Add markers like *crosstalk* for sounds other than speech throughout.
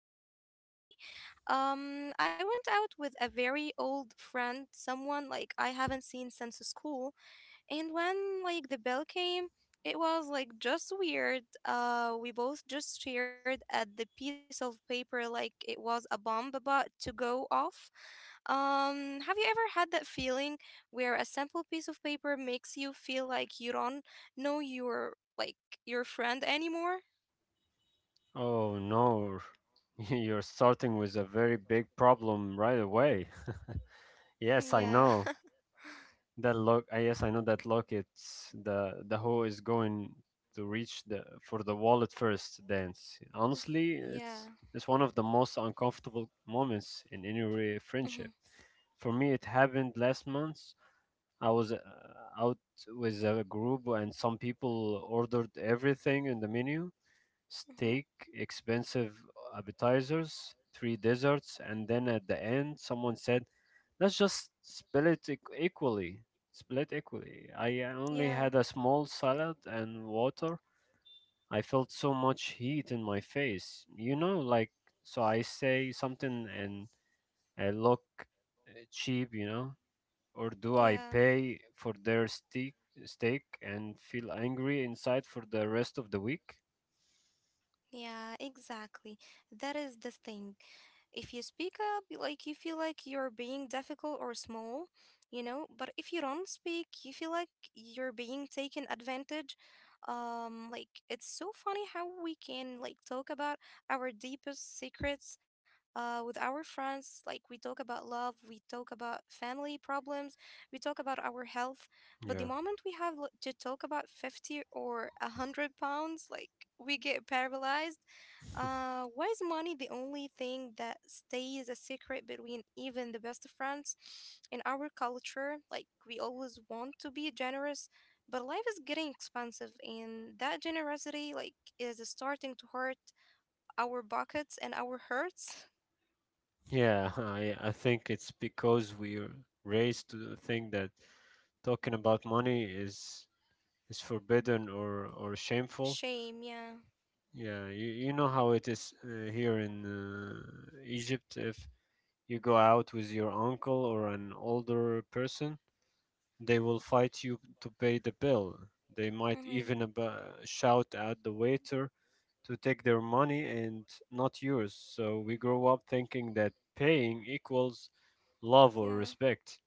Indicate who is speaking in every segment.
Speaker 1: the cafe. At the cafe, I went out with a very old friend, someone I haven't seen since school, and when the bill came, it was just weird. We both just stared at the piece of paper like it was a bomb about to go off. Have you ever had that feeling where a simple piece of paper makes you feel like you don't know your your friend anymore?
Speaker 2: Oh no, *laughs* you're starting with a very big problem right away. *laughs* Yes,
Speaker 1: Yeah,
Speaker 2: I
Speaker 1: *laughs*
Speaker 2: know that look. I know that look. It's the who is going to reach the for the wallet first dance. Honestly, it's
Speaker 1: yeah,
Speaker 2: it's one of the most uncomfortable moments in any
Speaker 1: mm-hmm.
Speaker 2: friendship. For me, it happened last month. I was out with a group, and some people ordered everything in the menu:
Speaker 1: Mm-hmm.
Speaker 2: steak, expensive appetizers, three desserts, and then at the end, someone said, "Let's just split it equally." Split equally. I only
Speaker 1: yeah,
Speaker 2: had a small salad and water. I felt so much heat in my face. So I say something and I look cheap, or do I
Speaker 1: yeah,
Speaker 2: pay for their steak and feel angry inside for the rest of the week?
Speaker 1: yeah. Exactly. That is the thing. If you speak up, you feel like you're being difficult or small, you know, but if you don't speak, you feel like you're being taken advantage. It's so funny how we can talk about our deepest secrets with our friends. Like we talk about love, we talk about family problems, we talk about our health. But the
Speaker 2: Yeah.
Speaker 1: moment we have to talk about 50 or £100, we get paralyzed. Why is money the only thing that stays a secret between even the best of friends? In our culture, we always want to be generous, but life is getting expensive, and that generosity, like, is starting to hurt our pockets and our hurts.
Speaker 2: Yeah, I think it's because we're raised to think that talking about money is forbidden or shameful.
Speaker 1: Shame, yeah.
Speaker 2: Yeah, you know how it is here in Egypt, if you go out with your uncle or an older person they will fight you to pay the bill. They might
Speaker 1: Mm-hmm.
Speaker 2: even shout at the waiter to take their money and not yours. So we grow up thinking that paying equals love or
Speaker 1: Yeah,
Speaker 2: respect.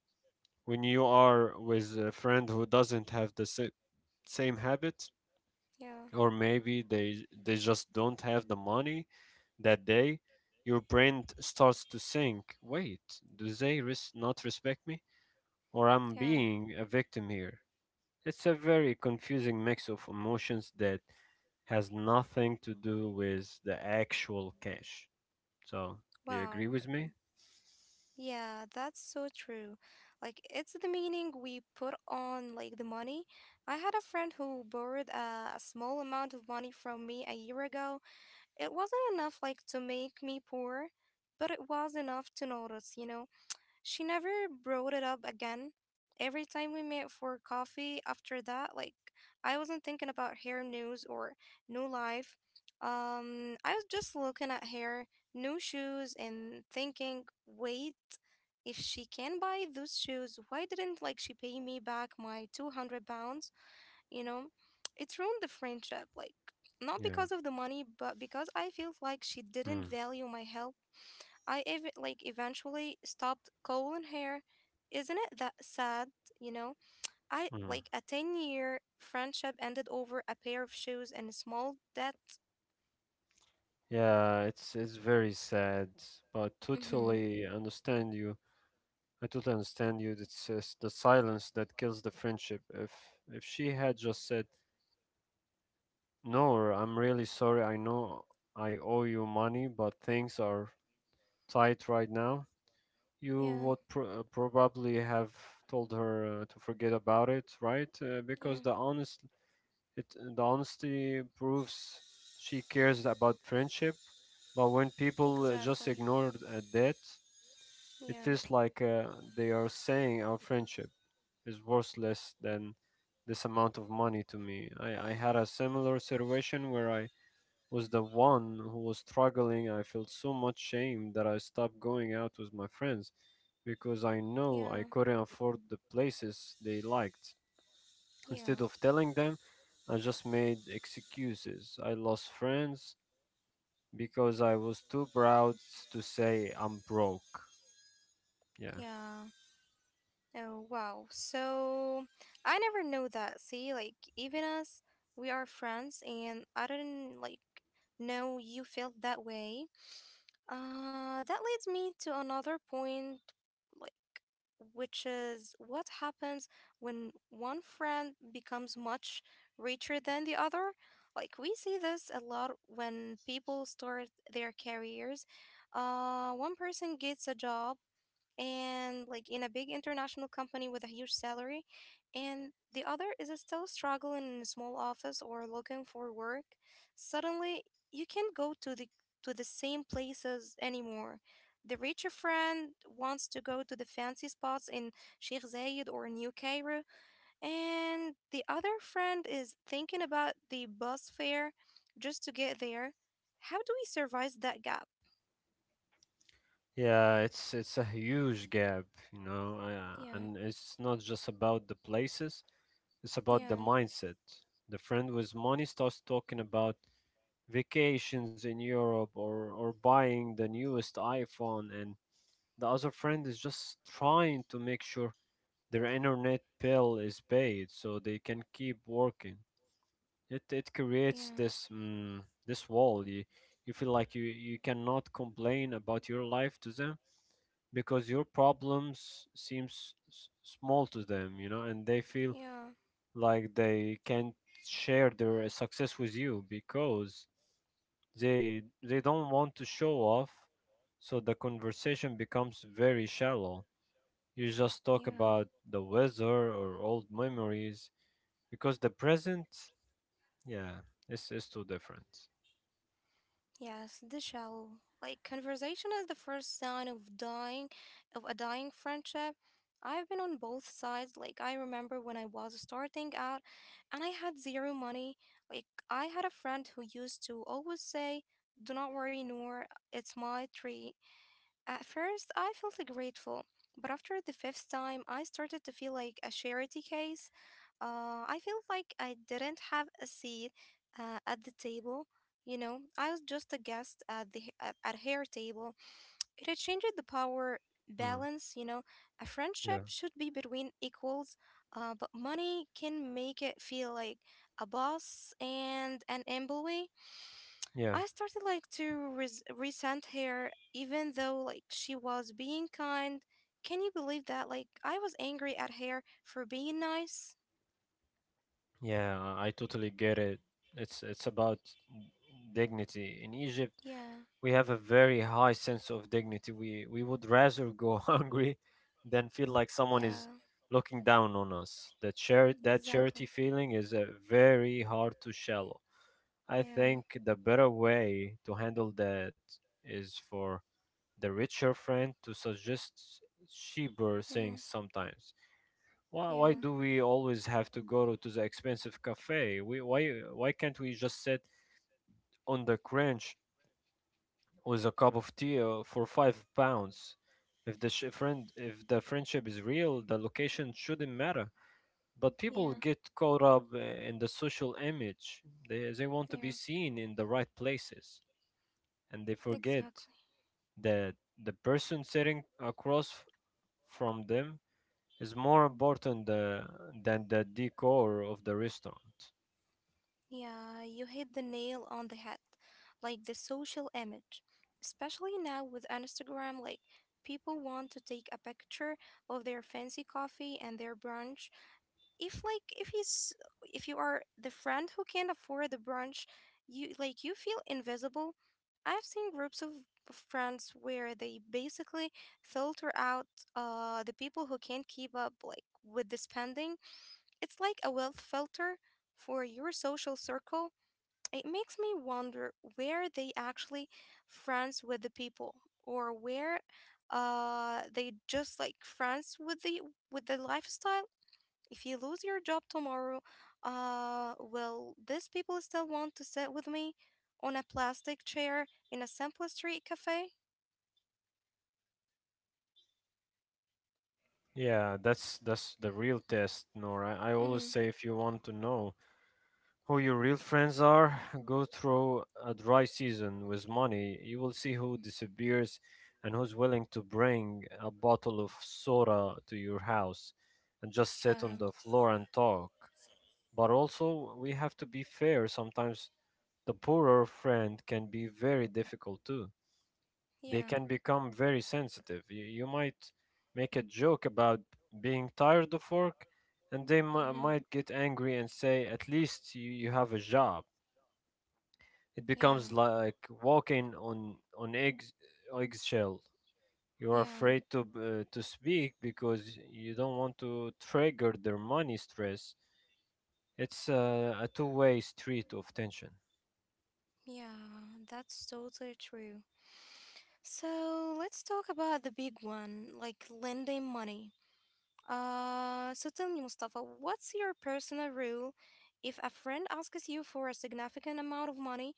Speaker 2: When you are with a friend who doesn't have the same habit,
Speaker 1: yeah,
Speaker 2: or maybe they just don't have the money that day, your brain starts to think. Wait, do they not respect me, or I'm
Speaker 1: yeah.
Speaker 2: being a victim here? It's a very confusing mix of emotions that has nothing to do with the actual cash. So, do you
Speaker 1: Wow.
Speaker 2: agree with me?
Speaker 1: Yeah, that's so true. Like, it's the meaning we put on, like, the money. I had a friend who borrowed a small amount of money from me a year ago. It wasn't enough, like, to make me poor, but it was enough to notice, you know? She never brought it up again. Every time we met for coffee after that, I wasn't thinking about her news or new life. I was just looking at her new shoes and thinking, wait, if she can buy those shoes, why didn't she pay me back my £200? You know, it's ruined the friendship, like not
Speaker 2: Yeah.
Speaker 1: because of the money, but because I feel like she didn't
Speaker 2: Mm,
Speaker 1: value my help. I ev- like Eventually stopped calling her. Isn't it that sad? You know, I
Speaker 2: mm.
Speaker 1: like a 10-year year friendship ended over a pair of shoes and a small debt.
Speaker 2: Yeah, it's very sad, but
Speaker 1: Mm-hmm.
Speaker 2: totally understand you. I totally understand you. It's the silence that kills the friendship. If she had just said, "No, I'm really sorry. I know I owe you money, but things are tight right now,"
Speaker 1: Yeah,
Speaker 2: you would probably have told her to forget about it, right?
Speaker 1: yeah,
Speaker 2: Because it the honesty proves she cares about friendship. But when people just
Speaker 1: exactly.
Speaker 2: ignore that, it
Speaker 1: Yeah,
Speaker 2: feels like they are saying our friendship is worth less than this amount of money to me. I had a similar situation where I was the one who was struggling. I felt so much shame that I stopped going out with my friends because I
Speaker 1: yeah,
Speaker 2: know I couldn't afford the places they liked.
Speaker 1: yeah,
Speaker 2: Instead of telling them, I just made excuses. I lost friends because I was too proud to say I'm broke. Yeah.
Speaker 1: yeah. Oh, wow. So I never know that. See, like, even us, we are friends, and I didn't know you felt that way. That leads me to another point, like, which is what happens when one friend becomes much richer than the other. Like, we see this a lot when people start their careers. One person gets a job and in a big international company with a huge salary, and the other is still struggling in a small office or looking for work, suddenly you can't go to the same places anymore. The richer friend wants to go to the fancy spots in Sheikh Zayed or New Cairo, and the other friend is thinking about the bus fare just to get there. How do we survive that gap?
Speaker 2: Yeah, it's a huge gap, you know,
Speaker 1: Yeah,
Speaker 2: and it's not just about the places, it's about the
Speaker 1: yeah,
Speaker 2: mindset. The friend with money starts talking about vacations in Europe or buying the newest iPhone, and the other friend is just trying to make sure their internet bill is paid so they can keep working. It creates
Speaker 1: yeah,
Speaker 2: this this wall. You feel like you cannot complain about your life to them because your problems seems small to them, you know, and they feel
Speaker 1: yeah,
Speaker 2: like they can't share their success with you because they don't want to show off, so the conversation becomes very shallow. You just talk
Speaker 1: yeah.
Speaker 2: about the weather or old memories because the present, yeah, is too different.
Speaker 1: Yes, the shallow conversation is the first sign of dying, of a dying friendship. I've been on both sides. I remember when I was starting out and I had zero money. Like I had a friend who used to always say, "Do not worry, Noor, it's my tree." At first, I felt like, grateful, but after the fifth time, I started to feel like a charity case. I felt like I didn't have a seat at the table. You know, I was just a guest at her table. It had changed the power
Speaker 2: Hmm.
Speaker 1: balance. You know, a friendship
Speaker 2: Yeah.
Speaker 1: should be between equals, but money can make it feel like a boss and an employee.
Speaker 2: Yeah.
Speaker 1: I started to resent her, even though she was being kind. Can you believe that? Like I was angry at her for being nice.
Speaker 2: Yeah, I totally get it. It's about dignity. In Egypt,
Speaker 1: Yeah,
Speaker 2: we have a very high sense of dignity. We would rather go *laughs* hungry than feel like someone
Speaker 1: yeah,
Speaker 2: is looking down on us. That that
Speaker 1: exactly.
Speaker 2: charity feeling is very hard to shallow. I
Speaker 1: Yeah,
Speaker 2: think the better way to handle that is for the richer friend to suggest cheaper
Speaker 1: mm-hmm.
Speaker 2: things sometimes. Why
Speaker 1: yeah,
Speaker 2: do we always have to go to the expensive cafe? Why can't we just sit on the crunch with a cup of tea for 5 pounds? If the friend, if the friendship is real, the location shouldn't matter. But people
Speaker 1: yeah,
Speaker 2: get caught up in the social image. They want to be
Speaker 1: yeah,
Speaker 2: seen in the right places, and they forget
Speaker 1: exactly.
Speaker 2: that the person sitting across from them is more important than the decor of the restaurant.
Speaker 1: Yeah, you hit the nail on the head. Like the social image, especially now with Instagram, like people want to take a picture of their fancy coffee and their brunch if like if he's if you are the friend who can't afford the brunch, you you feel invisible. I've seen groups of friends where they basically filter out the people who can't keep up with the spending. It's like a wealth filter for your social circle. It makes me wonder where they actually friends with the people or where they just friends with the lifestyle. If you lose your job tomorrow, will these people still want to sit with me on a plastic chair in a simple street cafe?
Speaker 2: Yeah, that's the real test, Nora. I always
Speaker 1: Mm-hmm.
Speaker 2: say if you want to know who your real friends are, *laughs* go through a dry season with money. You will see who disappears and who's willing to bring a bottle of soda to your house and just sit
Speaker 1: Yeah.
Speaker 2: on the floor and talk. But also, we have to be fair. Sometimes the poorer friend can be very difficult too. They
Speaker 1: Yeah.
Speaker 2: can become very sensitive. You might make a joke about being tired of work, and they
Speaker 1: Mm-hmm.
Speaker 2: might get angry and say, "At least you have a job." It
Speaker 1: Yeah,
Speaker 2: becomes like walking on eggshell. You're
Speaker 1: yeah,
Speaker 2: afraid to speak because you don't want to trigger their money stress. It's a two-way street of tension.
Speaker 1: yeah, that's totally true. So let's talk about the big one, like lending money. So tell me, Mustafa, what's your personal rule if a friend asks you for a significant amount of money?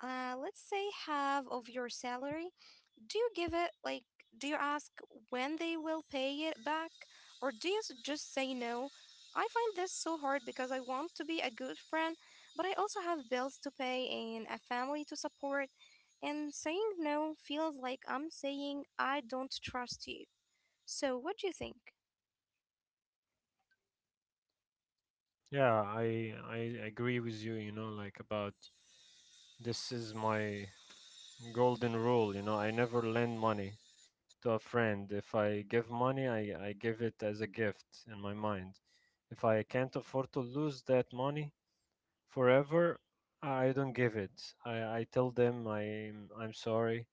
Speaker 1: Let's say half of your salary, do you give it do you ask when they will pay it back? Or do you just say no? I find this so hard because I want to be a good friend, but I also have bills to pay and a family to support. And saying no feels like I'm saying I don't trust you. So, what do you think?
Speaker 2: Yeah, I agree with you. You know, like about this is my golden rule, you know, I never lend money to a friend. If I give money, I give it as a gift in my mind. If I can't afford to lose that money forever, I don't give it. I tell them I'm sorry.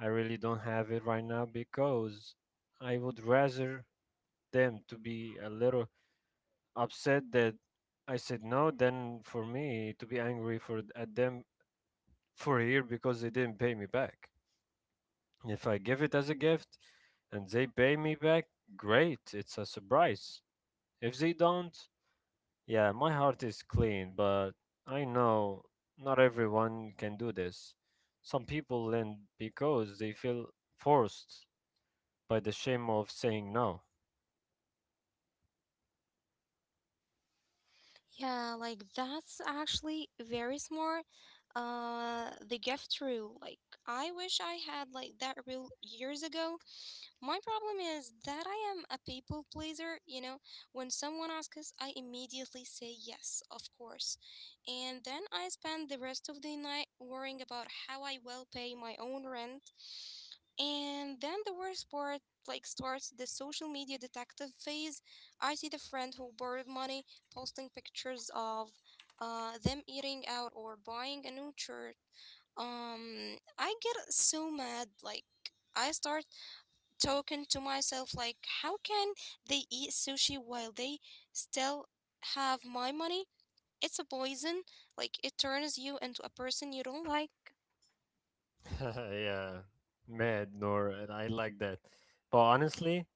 Speaker 2: I really don't have it right now because I would rather them to be a little upset that I said no than for me to be angry for at them for a year because they didn't pay me back. If I give it as a gift and they pay me back, great, it's a surprise. If they don't, yeah, my heart is clean, but I know not everyone can do this. Some people lend because they feel forced by the shame of saying no.
Speaker 1: Yeah, like that's actually very smart. The gift rule. Like, I wish I had that rule years ago. My problem is that I am a people pleaser. You know, when someone asks, I immediately say yes, of course, and then I spend the rest of the night worrying about how I will pay my own rent and then the worst part, like, starts the social media detective phase. I see the friend who borrowed money posting pictures of them eating out or buying a new shirt. I get so mad. Like, I start talking to myself, like, how can they eat sushi while they still have my money? It's a poison. Like, it turns you into a person you don't like.
Speaker 2: *laughs* Yeah, mad, Nor, and I like that. But honestly,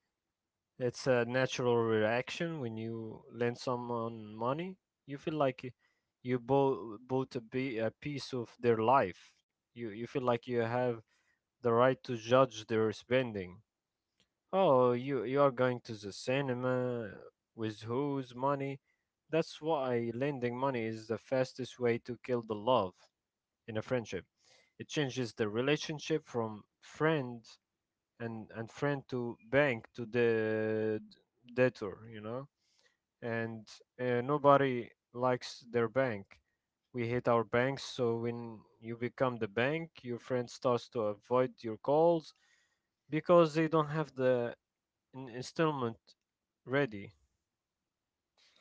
Speaker 2: it's a natural reaction when you lend someone money. You feel like you bought a piece of their life. You feel like you have the right to judge their spending. Oh, you are going to the cinema with whose money? That's why lending money is the fastest way to kill the love in a friendship. It changes the relationship from friend and friend to bank to the debtor, you know. And nobody likes their bank. We hate our banks, so when you become the bank, your friend starts to avoid your calls because they don't have the installment ready.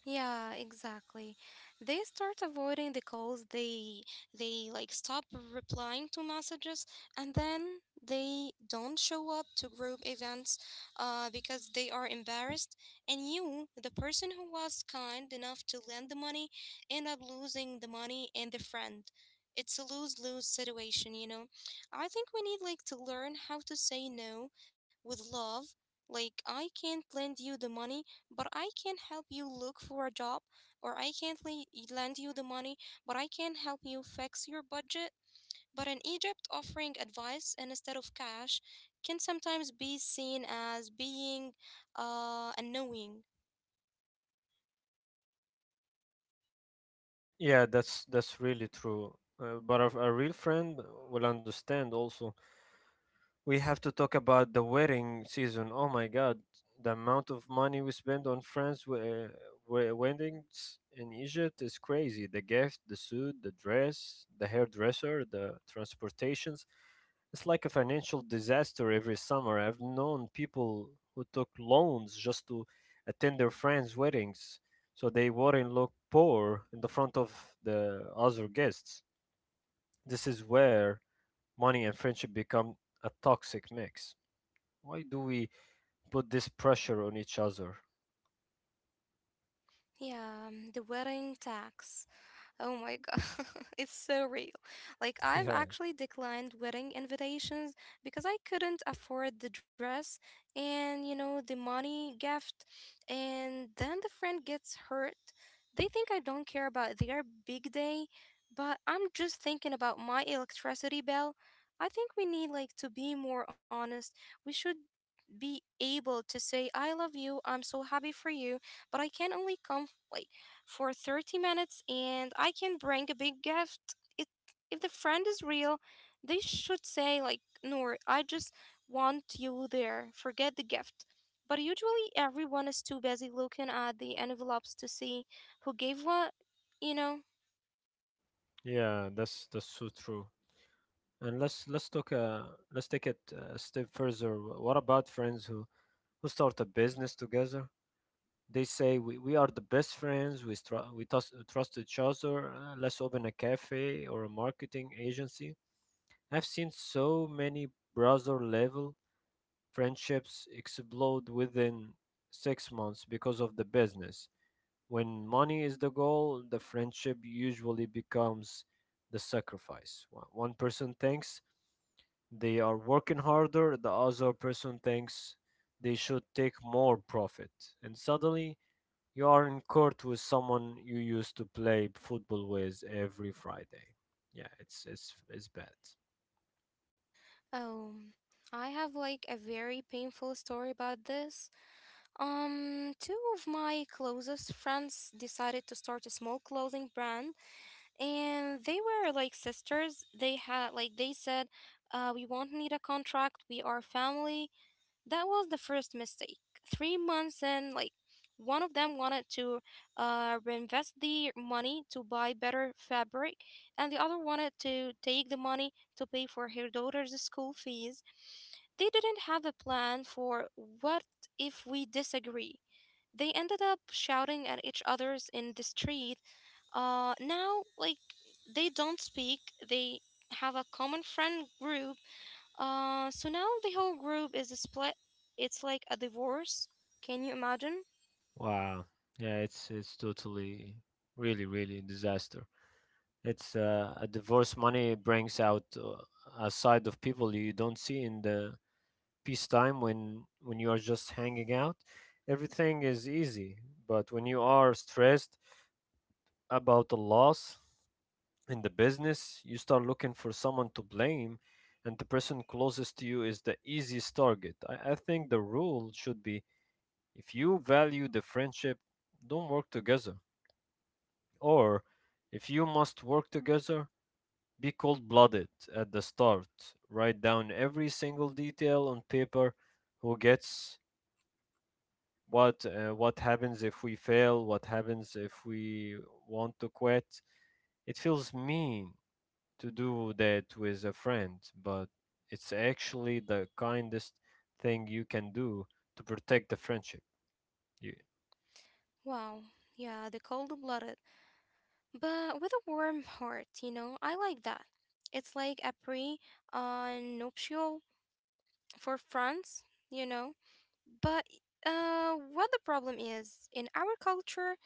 Speaker 1: Yeah, exactly. They start avoiding the calls. They stop replying to messages, and then they don't show up to group events, because they are embarrassed. And you, the person who was kind enough to lend the money, end up losing the money and the friend. It's a lose lose situation, you know. I think we need to learn how to say no with love. Like I can't lend you the money but I can help you look for a job, or I can't lend you the money, but I can help you fix your budget. But in Egypt, offering advice instead of cash can sometimes be seen as being annoying.
Speaker 2: Yeah, that's really true. But a real friend will understand also. We have to talk about the wedding season. Oh my God, the amount of money we spend on weddings in Egypt is crazy. The gift, the suit, the dress, the hairdresser, the transportations. It's like a financial disaster every summer. I've known people who took loans just to attend their friends' weddings, so they wouldn't look poor in the front of the other guests. This is where money and friendship become a toxic mix. Why do we put this pressure on each other?
Speaker 1: Yeah, the wedding tax. Oh my God, *laughs* it's so real. Like, I've
Speaker 2: Yeah.
Speaker 1: actually declined wedding invitations because I couldn't afford the dress and, you know, the money gift. And then the friend gets hurt. They think I don't care about their big day, but I'm just thinking about my electricity bill. I think we need, like, to be more honest. We should be able to say, I love you, I'm so happy for you, but I can only come, like, for 30 minutes and I can bring a big gift. It, if the friend is real, they should say, like, Noor, I just want you there. Forget the gift. But usually everyone is too busy looking at the envelopes to see who gave what, you know?
Speaker 2: Yeah, that's so true. And let's talk let's take it a step further. What about friends who start a business together? They say we are the best friends. We we trust each other. Let's open a cafe or a marketing agency. I've seen so many brother level friendships explode within 6 months because of the business. When money is the goal, the friendship usually becomes the sacrifice. One person thinks they are working harder, the other person thinks they should take more profit. And suddenly, you are in court with someone you used to play football with every Friday. Yeah, it's bad.
Speaker 1: Oh, I have a very painful story about this. Two of my closest friends decided to start a small clothing brand, and they were like sisters. They had like they said, we won't need a contract, we are family. That was the first mistake. 3 months in, one of them wanted to reinvest the money to buy better fabric, and the other wanted to take the money to pay for her daughter's school fees. They didn't have a plan for what if we disagree. They ended up shouting at each other's in the street. Now, like, they don't speak. They have a common friend group. So now the whole group is split. It's like a divorce. Can you imagine?
Speaker 2: Wow. Yeah, it's totally really disaster. It's a divorce. Money brings out a side of people you don't see in the peacetime when you are just hanging out. Everything is easy, but when you are stressed about the loss in the business, you start looking for someone to blame, and the person closest to you is the easiest target. I think the rule should be if you value the friendship, don't work together. Or, if you must work together, be cold blooded at the start. Write down every single detail on paper: who gets what happens if we fail, what happens if we want to quit. It feels mean to do that with a friend, but it's actually the kindest thing you can do to protect the friendship. Ye-
Speaker 1: Wow. Yeah, the cold blooded, but with a warm heart, you know? I like that. It's like a pre nuptial for France, you know? But what the problem is in our culture,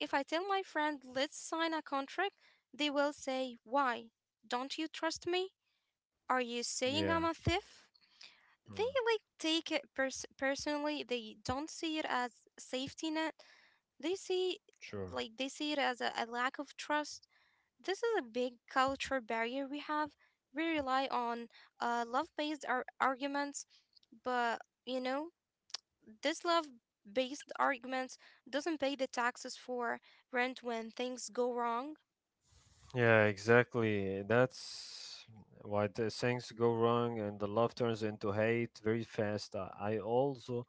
Speaker 1: if I tell my friend, let's sign a contract, they will say, why? Don't you trust me? Are you
Speaker 2: Yeah,
Speaker 1: saying I'm a thief? They
Speaker 2: mm,
Speaker 1: like take it personally. They don't see it as safety net. They see
Speaker 2: sure.
Speaker 1: like they see it as a lack of trust. This is a big culture barrier we have. We rely on love-based arguments, but you know this love-based arguments doesn't pay the taxes for rent when things go wrong.
Speaker 2: Yeah, exactly. That's why the things go wrong and the love turns into hate very fast. I also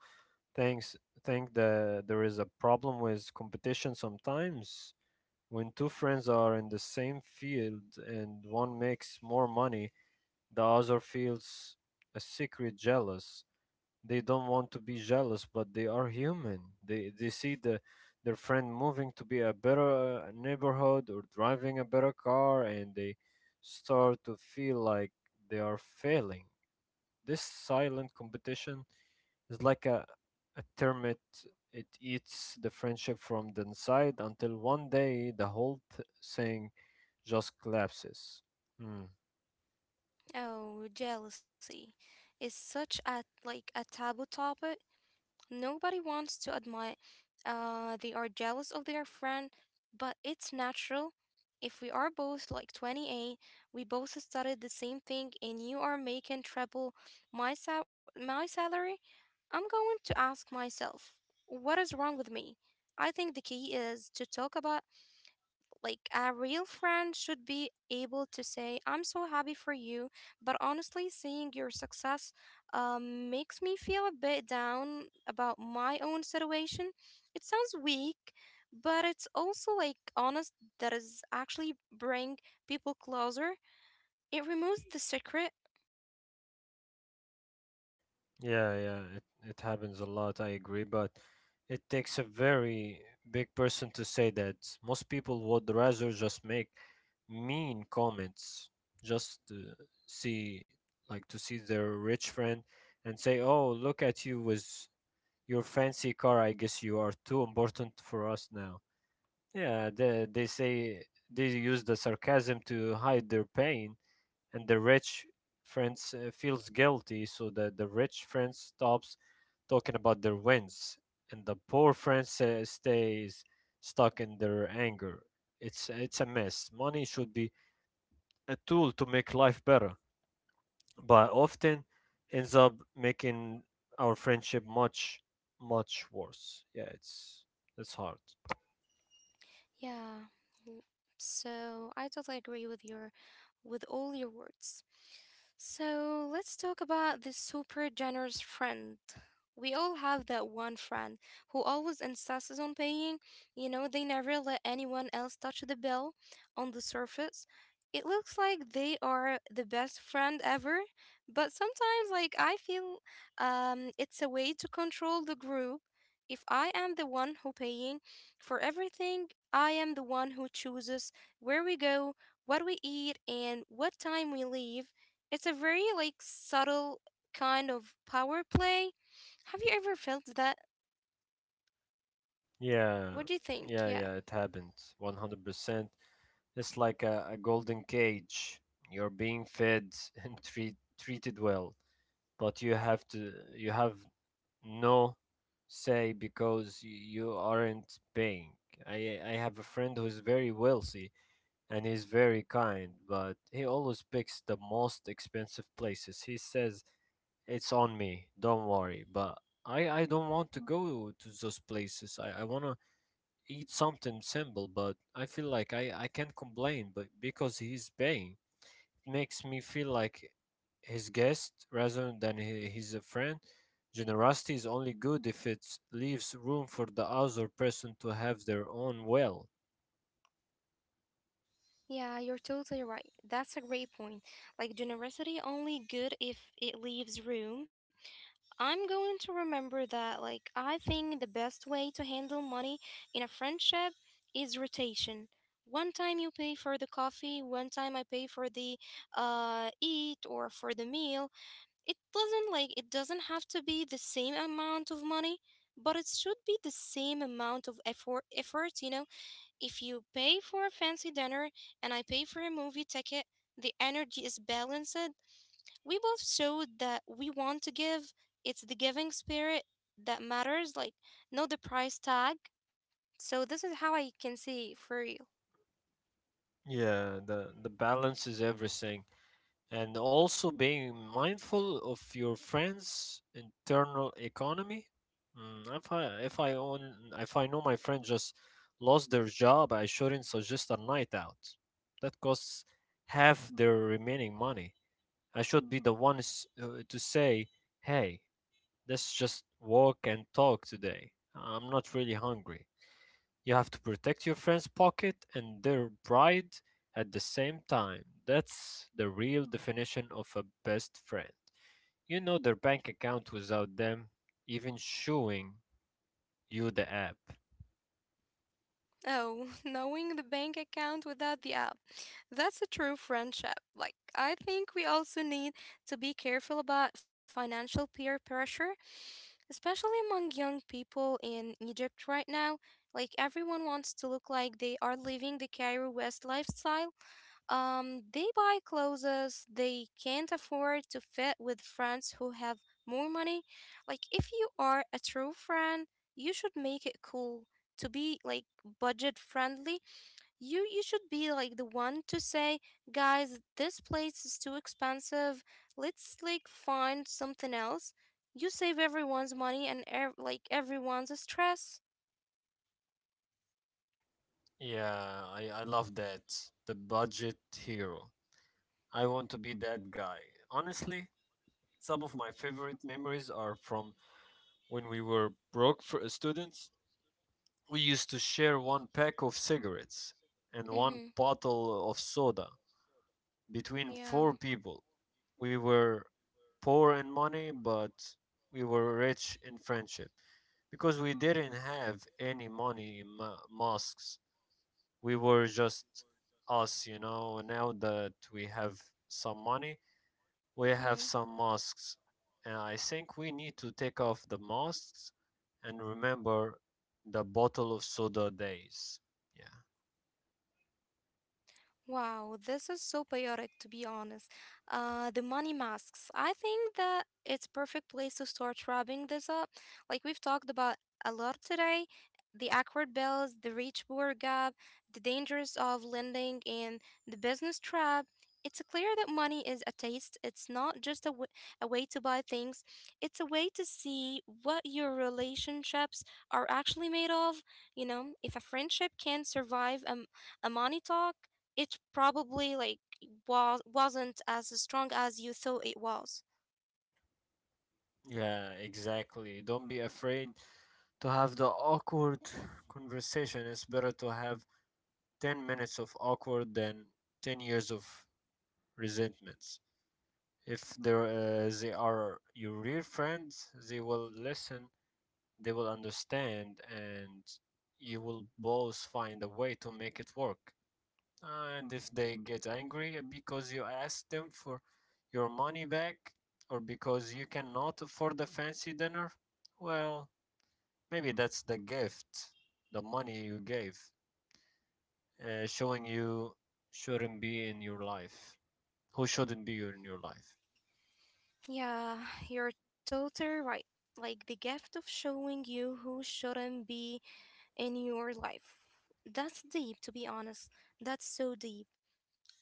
Speaker 2: thinks think that there is a problem with competition sometimes. When two friends are in the same field and one makes more money, the other feels a secret jealous. They don't want to be jealous, but they are human. They see their friend moving to be a better neighborhood or driving a better car, and they start to feel like they are failing. This silent competition is like a termite. It eats the friendship from the inside until one day the whole thing just collapses. Hmm.
Speaker 1: Oh, jealousy is such a like a taboo topic. Nobody wants to admit they are jealous of their friend, but it's natural. If we are both like 28, we both studied the same thing and you are making triple my my salary, I'm going to ask myself, what is wrong with me? I think the key is to talk about like a real friend should be able to say, I'm so happy for you, but honestly, seeing your success makes me feel a bit down about my own situation. It sounds weak, but it's also like honest that is actually bring people closer. It removes the secret.
Speaker 2: Yeah, yeah, it happens a lot, I agree, but it takes a very big person to say that. Most people would rather just make mean comments just to see, to see their rich friend and say, oh, look at you with your fancy car. I guess you are too important for us now. Yeah, they say they use the sarcasm to hide their pain, and the rich friends feels guilty, so that the rich friend stops talking about their wins and the poor friend stays stuck in their anger. It's a mess. Money should be a tool to make life better, but often ends up making our friendship much worse. Yeah, it's hard.
Speaker 1: Yeah. mm, So I totally agree with your with all your words. So let's talk about this super generous friend. We all have that one friend who always insists on paying. You know, they never let anyone else touch the bill on the surface. It looks like they are the best friend ever, but sometimes like I feel it's a way to control the group. If I am the one who paying for everything, I am the one who chooses where we go, what we eat, and what time we leave. It's a very like subtle kind of power play. Have you ever felt that?
Speaker 2: Yeah,
Speaker 1: What do you think?
Speaker 2: yeah,
Speaker 1: Yeah.
Speaker 2: yeah, it happens 100%. It's like a golden cage. You're being fed *laughs* and treated well, but you have no say because you aren't paying. I have a friend who's very wealthy and he's very kind, but he always picks the most expensive places. He says it's on me, don't worry, but I don't want to go to those places. I want to eat something simple, but I feel like I can't complain but because he's paying. It makes me feel like his guest rather than he's a friend. Generosity is only good if it leaves room for the other person to have their own will.
Speaker 1: Yeah, you're totally right. That's a great point. Like generosity only good if it leaves room. I'm going to remember that. Like, I think the best way to handle money in a friendship is rotation. One time you pay for the coffee, one time I pay for the eat or for the meal. It doesn't like it doesn't have to be the same amount of money, but it should be the same amount of effort. Effort, you know. If you pay for a fancy dinner and I pay for a movie ticket, the energy is balanced. We both showed that we want to give. It's the giving spirit that matters, like, not the price tag. So, this is how I can see for you.
Speaker 2: Yeah, the balance is everything, and also being mindful of your friend's internal economy. Mm, if I know my friend just lost their job, I shouldn't suggest a night out that costs half their remaining money. I should be the one to say, "Hey, let's just walk and talk today. I'm not really hungry." You have to protect your friend's pocket and their pride at the same time. That's the real definition of a best friend. You know their bank account without them even showing you the app.
Speaker 1: Oh, *laughs* knowing the bank account without the app. That's a true friendship. Like, I think we also need to be careful about financial peer pressure, especially among young people in Egypt right now. Like, everyone wants to look like they are living the Cairo West lifestyle. They buy clothes they can't afford to fit with friends who have more money. Like, if you are a true friend, you should make it cool to be like budget friendly, you should be like the one to say, guys, this place is too expensive. Let's like find something else. You save everyone's money and like everyone's stress.
Speaker 2: Yeah, I love that. The budget hero. I want to be that guy. Honestly, some of my favorite memories are from when we were broke for students. We used to share one pack of cigarettes and one
Speaker 1: Mm-hmm.
Speaker 2: bottle of soda between
Speaker 1: Yeah.
Speaker 2: four people. We were poor in money, but we were rich in friendship. Because we didn't have any money in mosques, we were just us, you know. Now that we have some money, we have
Speaker 1: Mm-hmm.
Speaker 2: some mosques. And I think we need to take off the mosques and remember the bottle of soda days. Yeah.
Speaker 1: Wow, this is so chaotic to be honest. The money masks. I think that it's perfect place to start wrapping this up. Like we've talked about a lot today, the awkward bills, the rich poor gap, the dangers of lending, and the business trap. It's clear that money is a taste. It's not just a way to buy things. It's a way to see what your relationships are actually made of. You know, if a friendship can survive a money talk it probably like wasn't as strong as you thought it was.
Speaker 2: Yeah, exactly. Don't be afraid to have the awkward conversation. It's better to have 10 minutes of awkward than 10 years of resentments. If they are your real friends, they will listen, they will understand, and you will both find a way to make it work. And if they get angry because you asked them for your money back or because you cannot afford a fancy dinner, well, maybe that's the gift, the money you gave, showing you shouldn't be in your life. Who shouldn't be in your life?
Speaker 1: Yeah, you're totally right. Like the gift of showing you who shouldn't be in your life. That's deep, to be honest. That's so deep.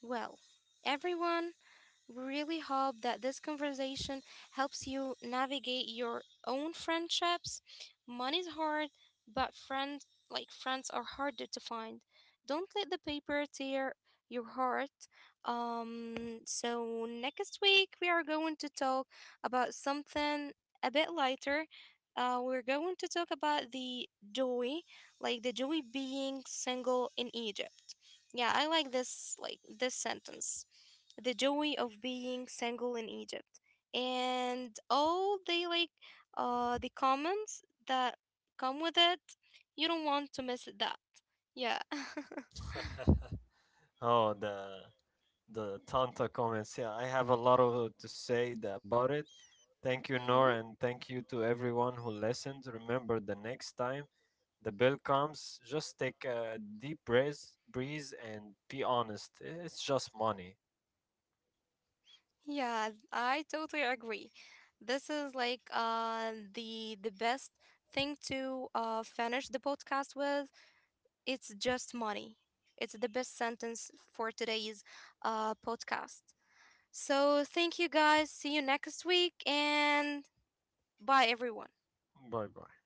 Speaker 1: Well, everyone, we really hope that this conversation helps you navigate your own friendships. Money's hard, but friends like friends are harder to find. Don't let the paper tear your heart. So next week we are going to talk about something a bit lighter. We're going to talk about the joy, like the joy being single in Egypt. Yeah, I like this sentence the joy of being single in Egypt, and all the like the comments that come with it. You don't want to miss that. Yeah. *laughs*
Speaker 2: *laughs* Oh, the Tanta comments. Yeah, I have a lot of to say about it. Thank you, Nor,
Speaker 1: hmm.
Speaker 2: and thank you to everyone who listened. Remember, the next time the bill comes, just take a deep breath, breeze, and be honest. It's just money.
Speaker 1: Yeah, I totally agree. This is like the best thing to finish the podcast with. It's just money. It's the best sentence for today's podcast. So thank you guys. See you next week and bye everyone.
Speaker 2: Bye bye.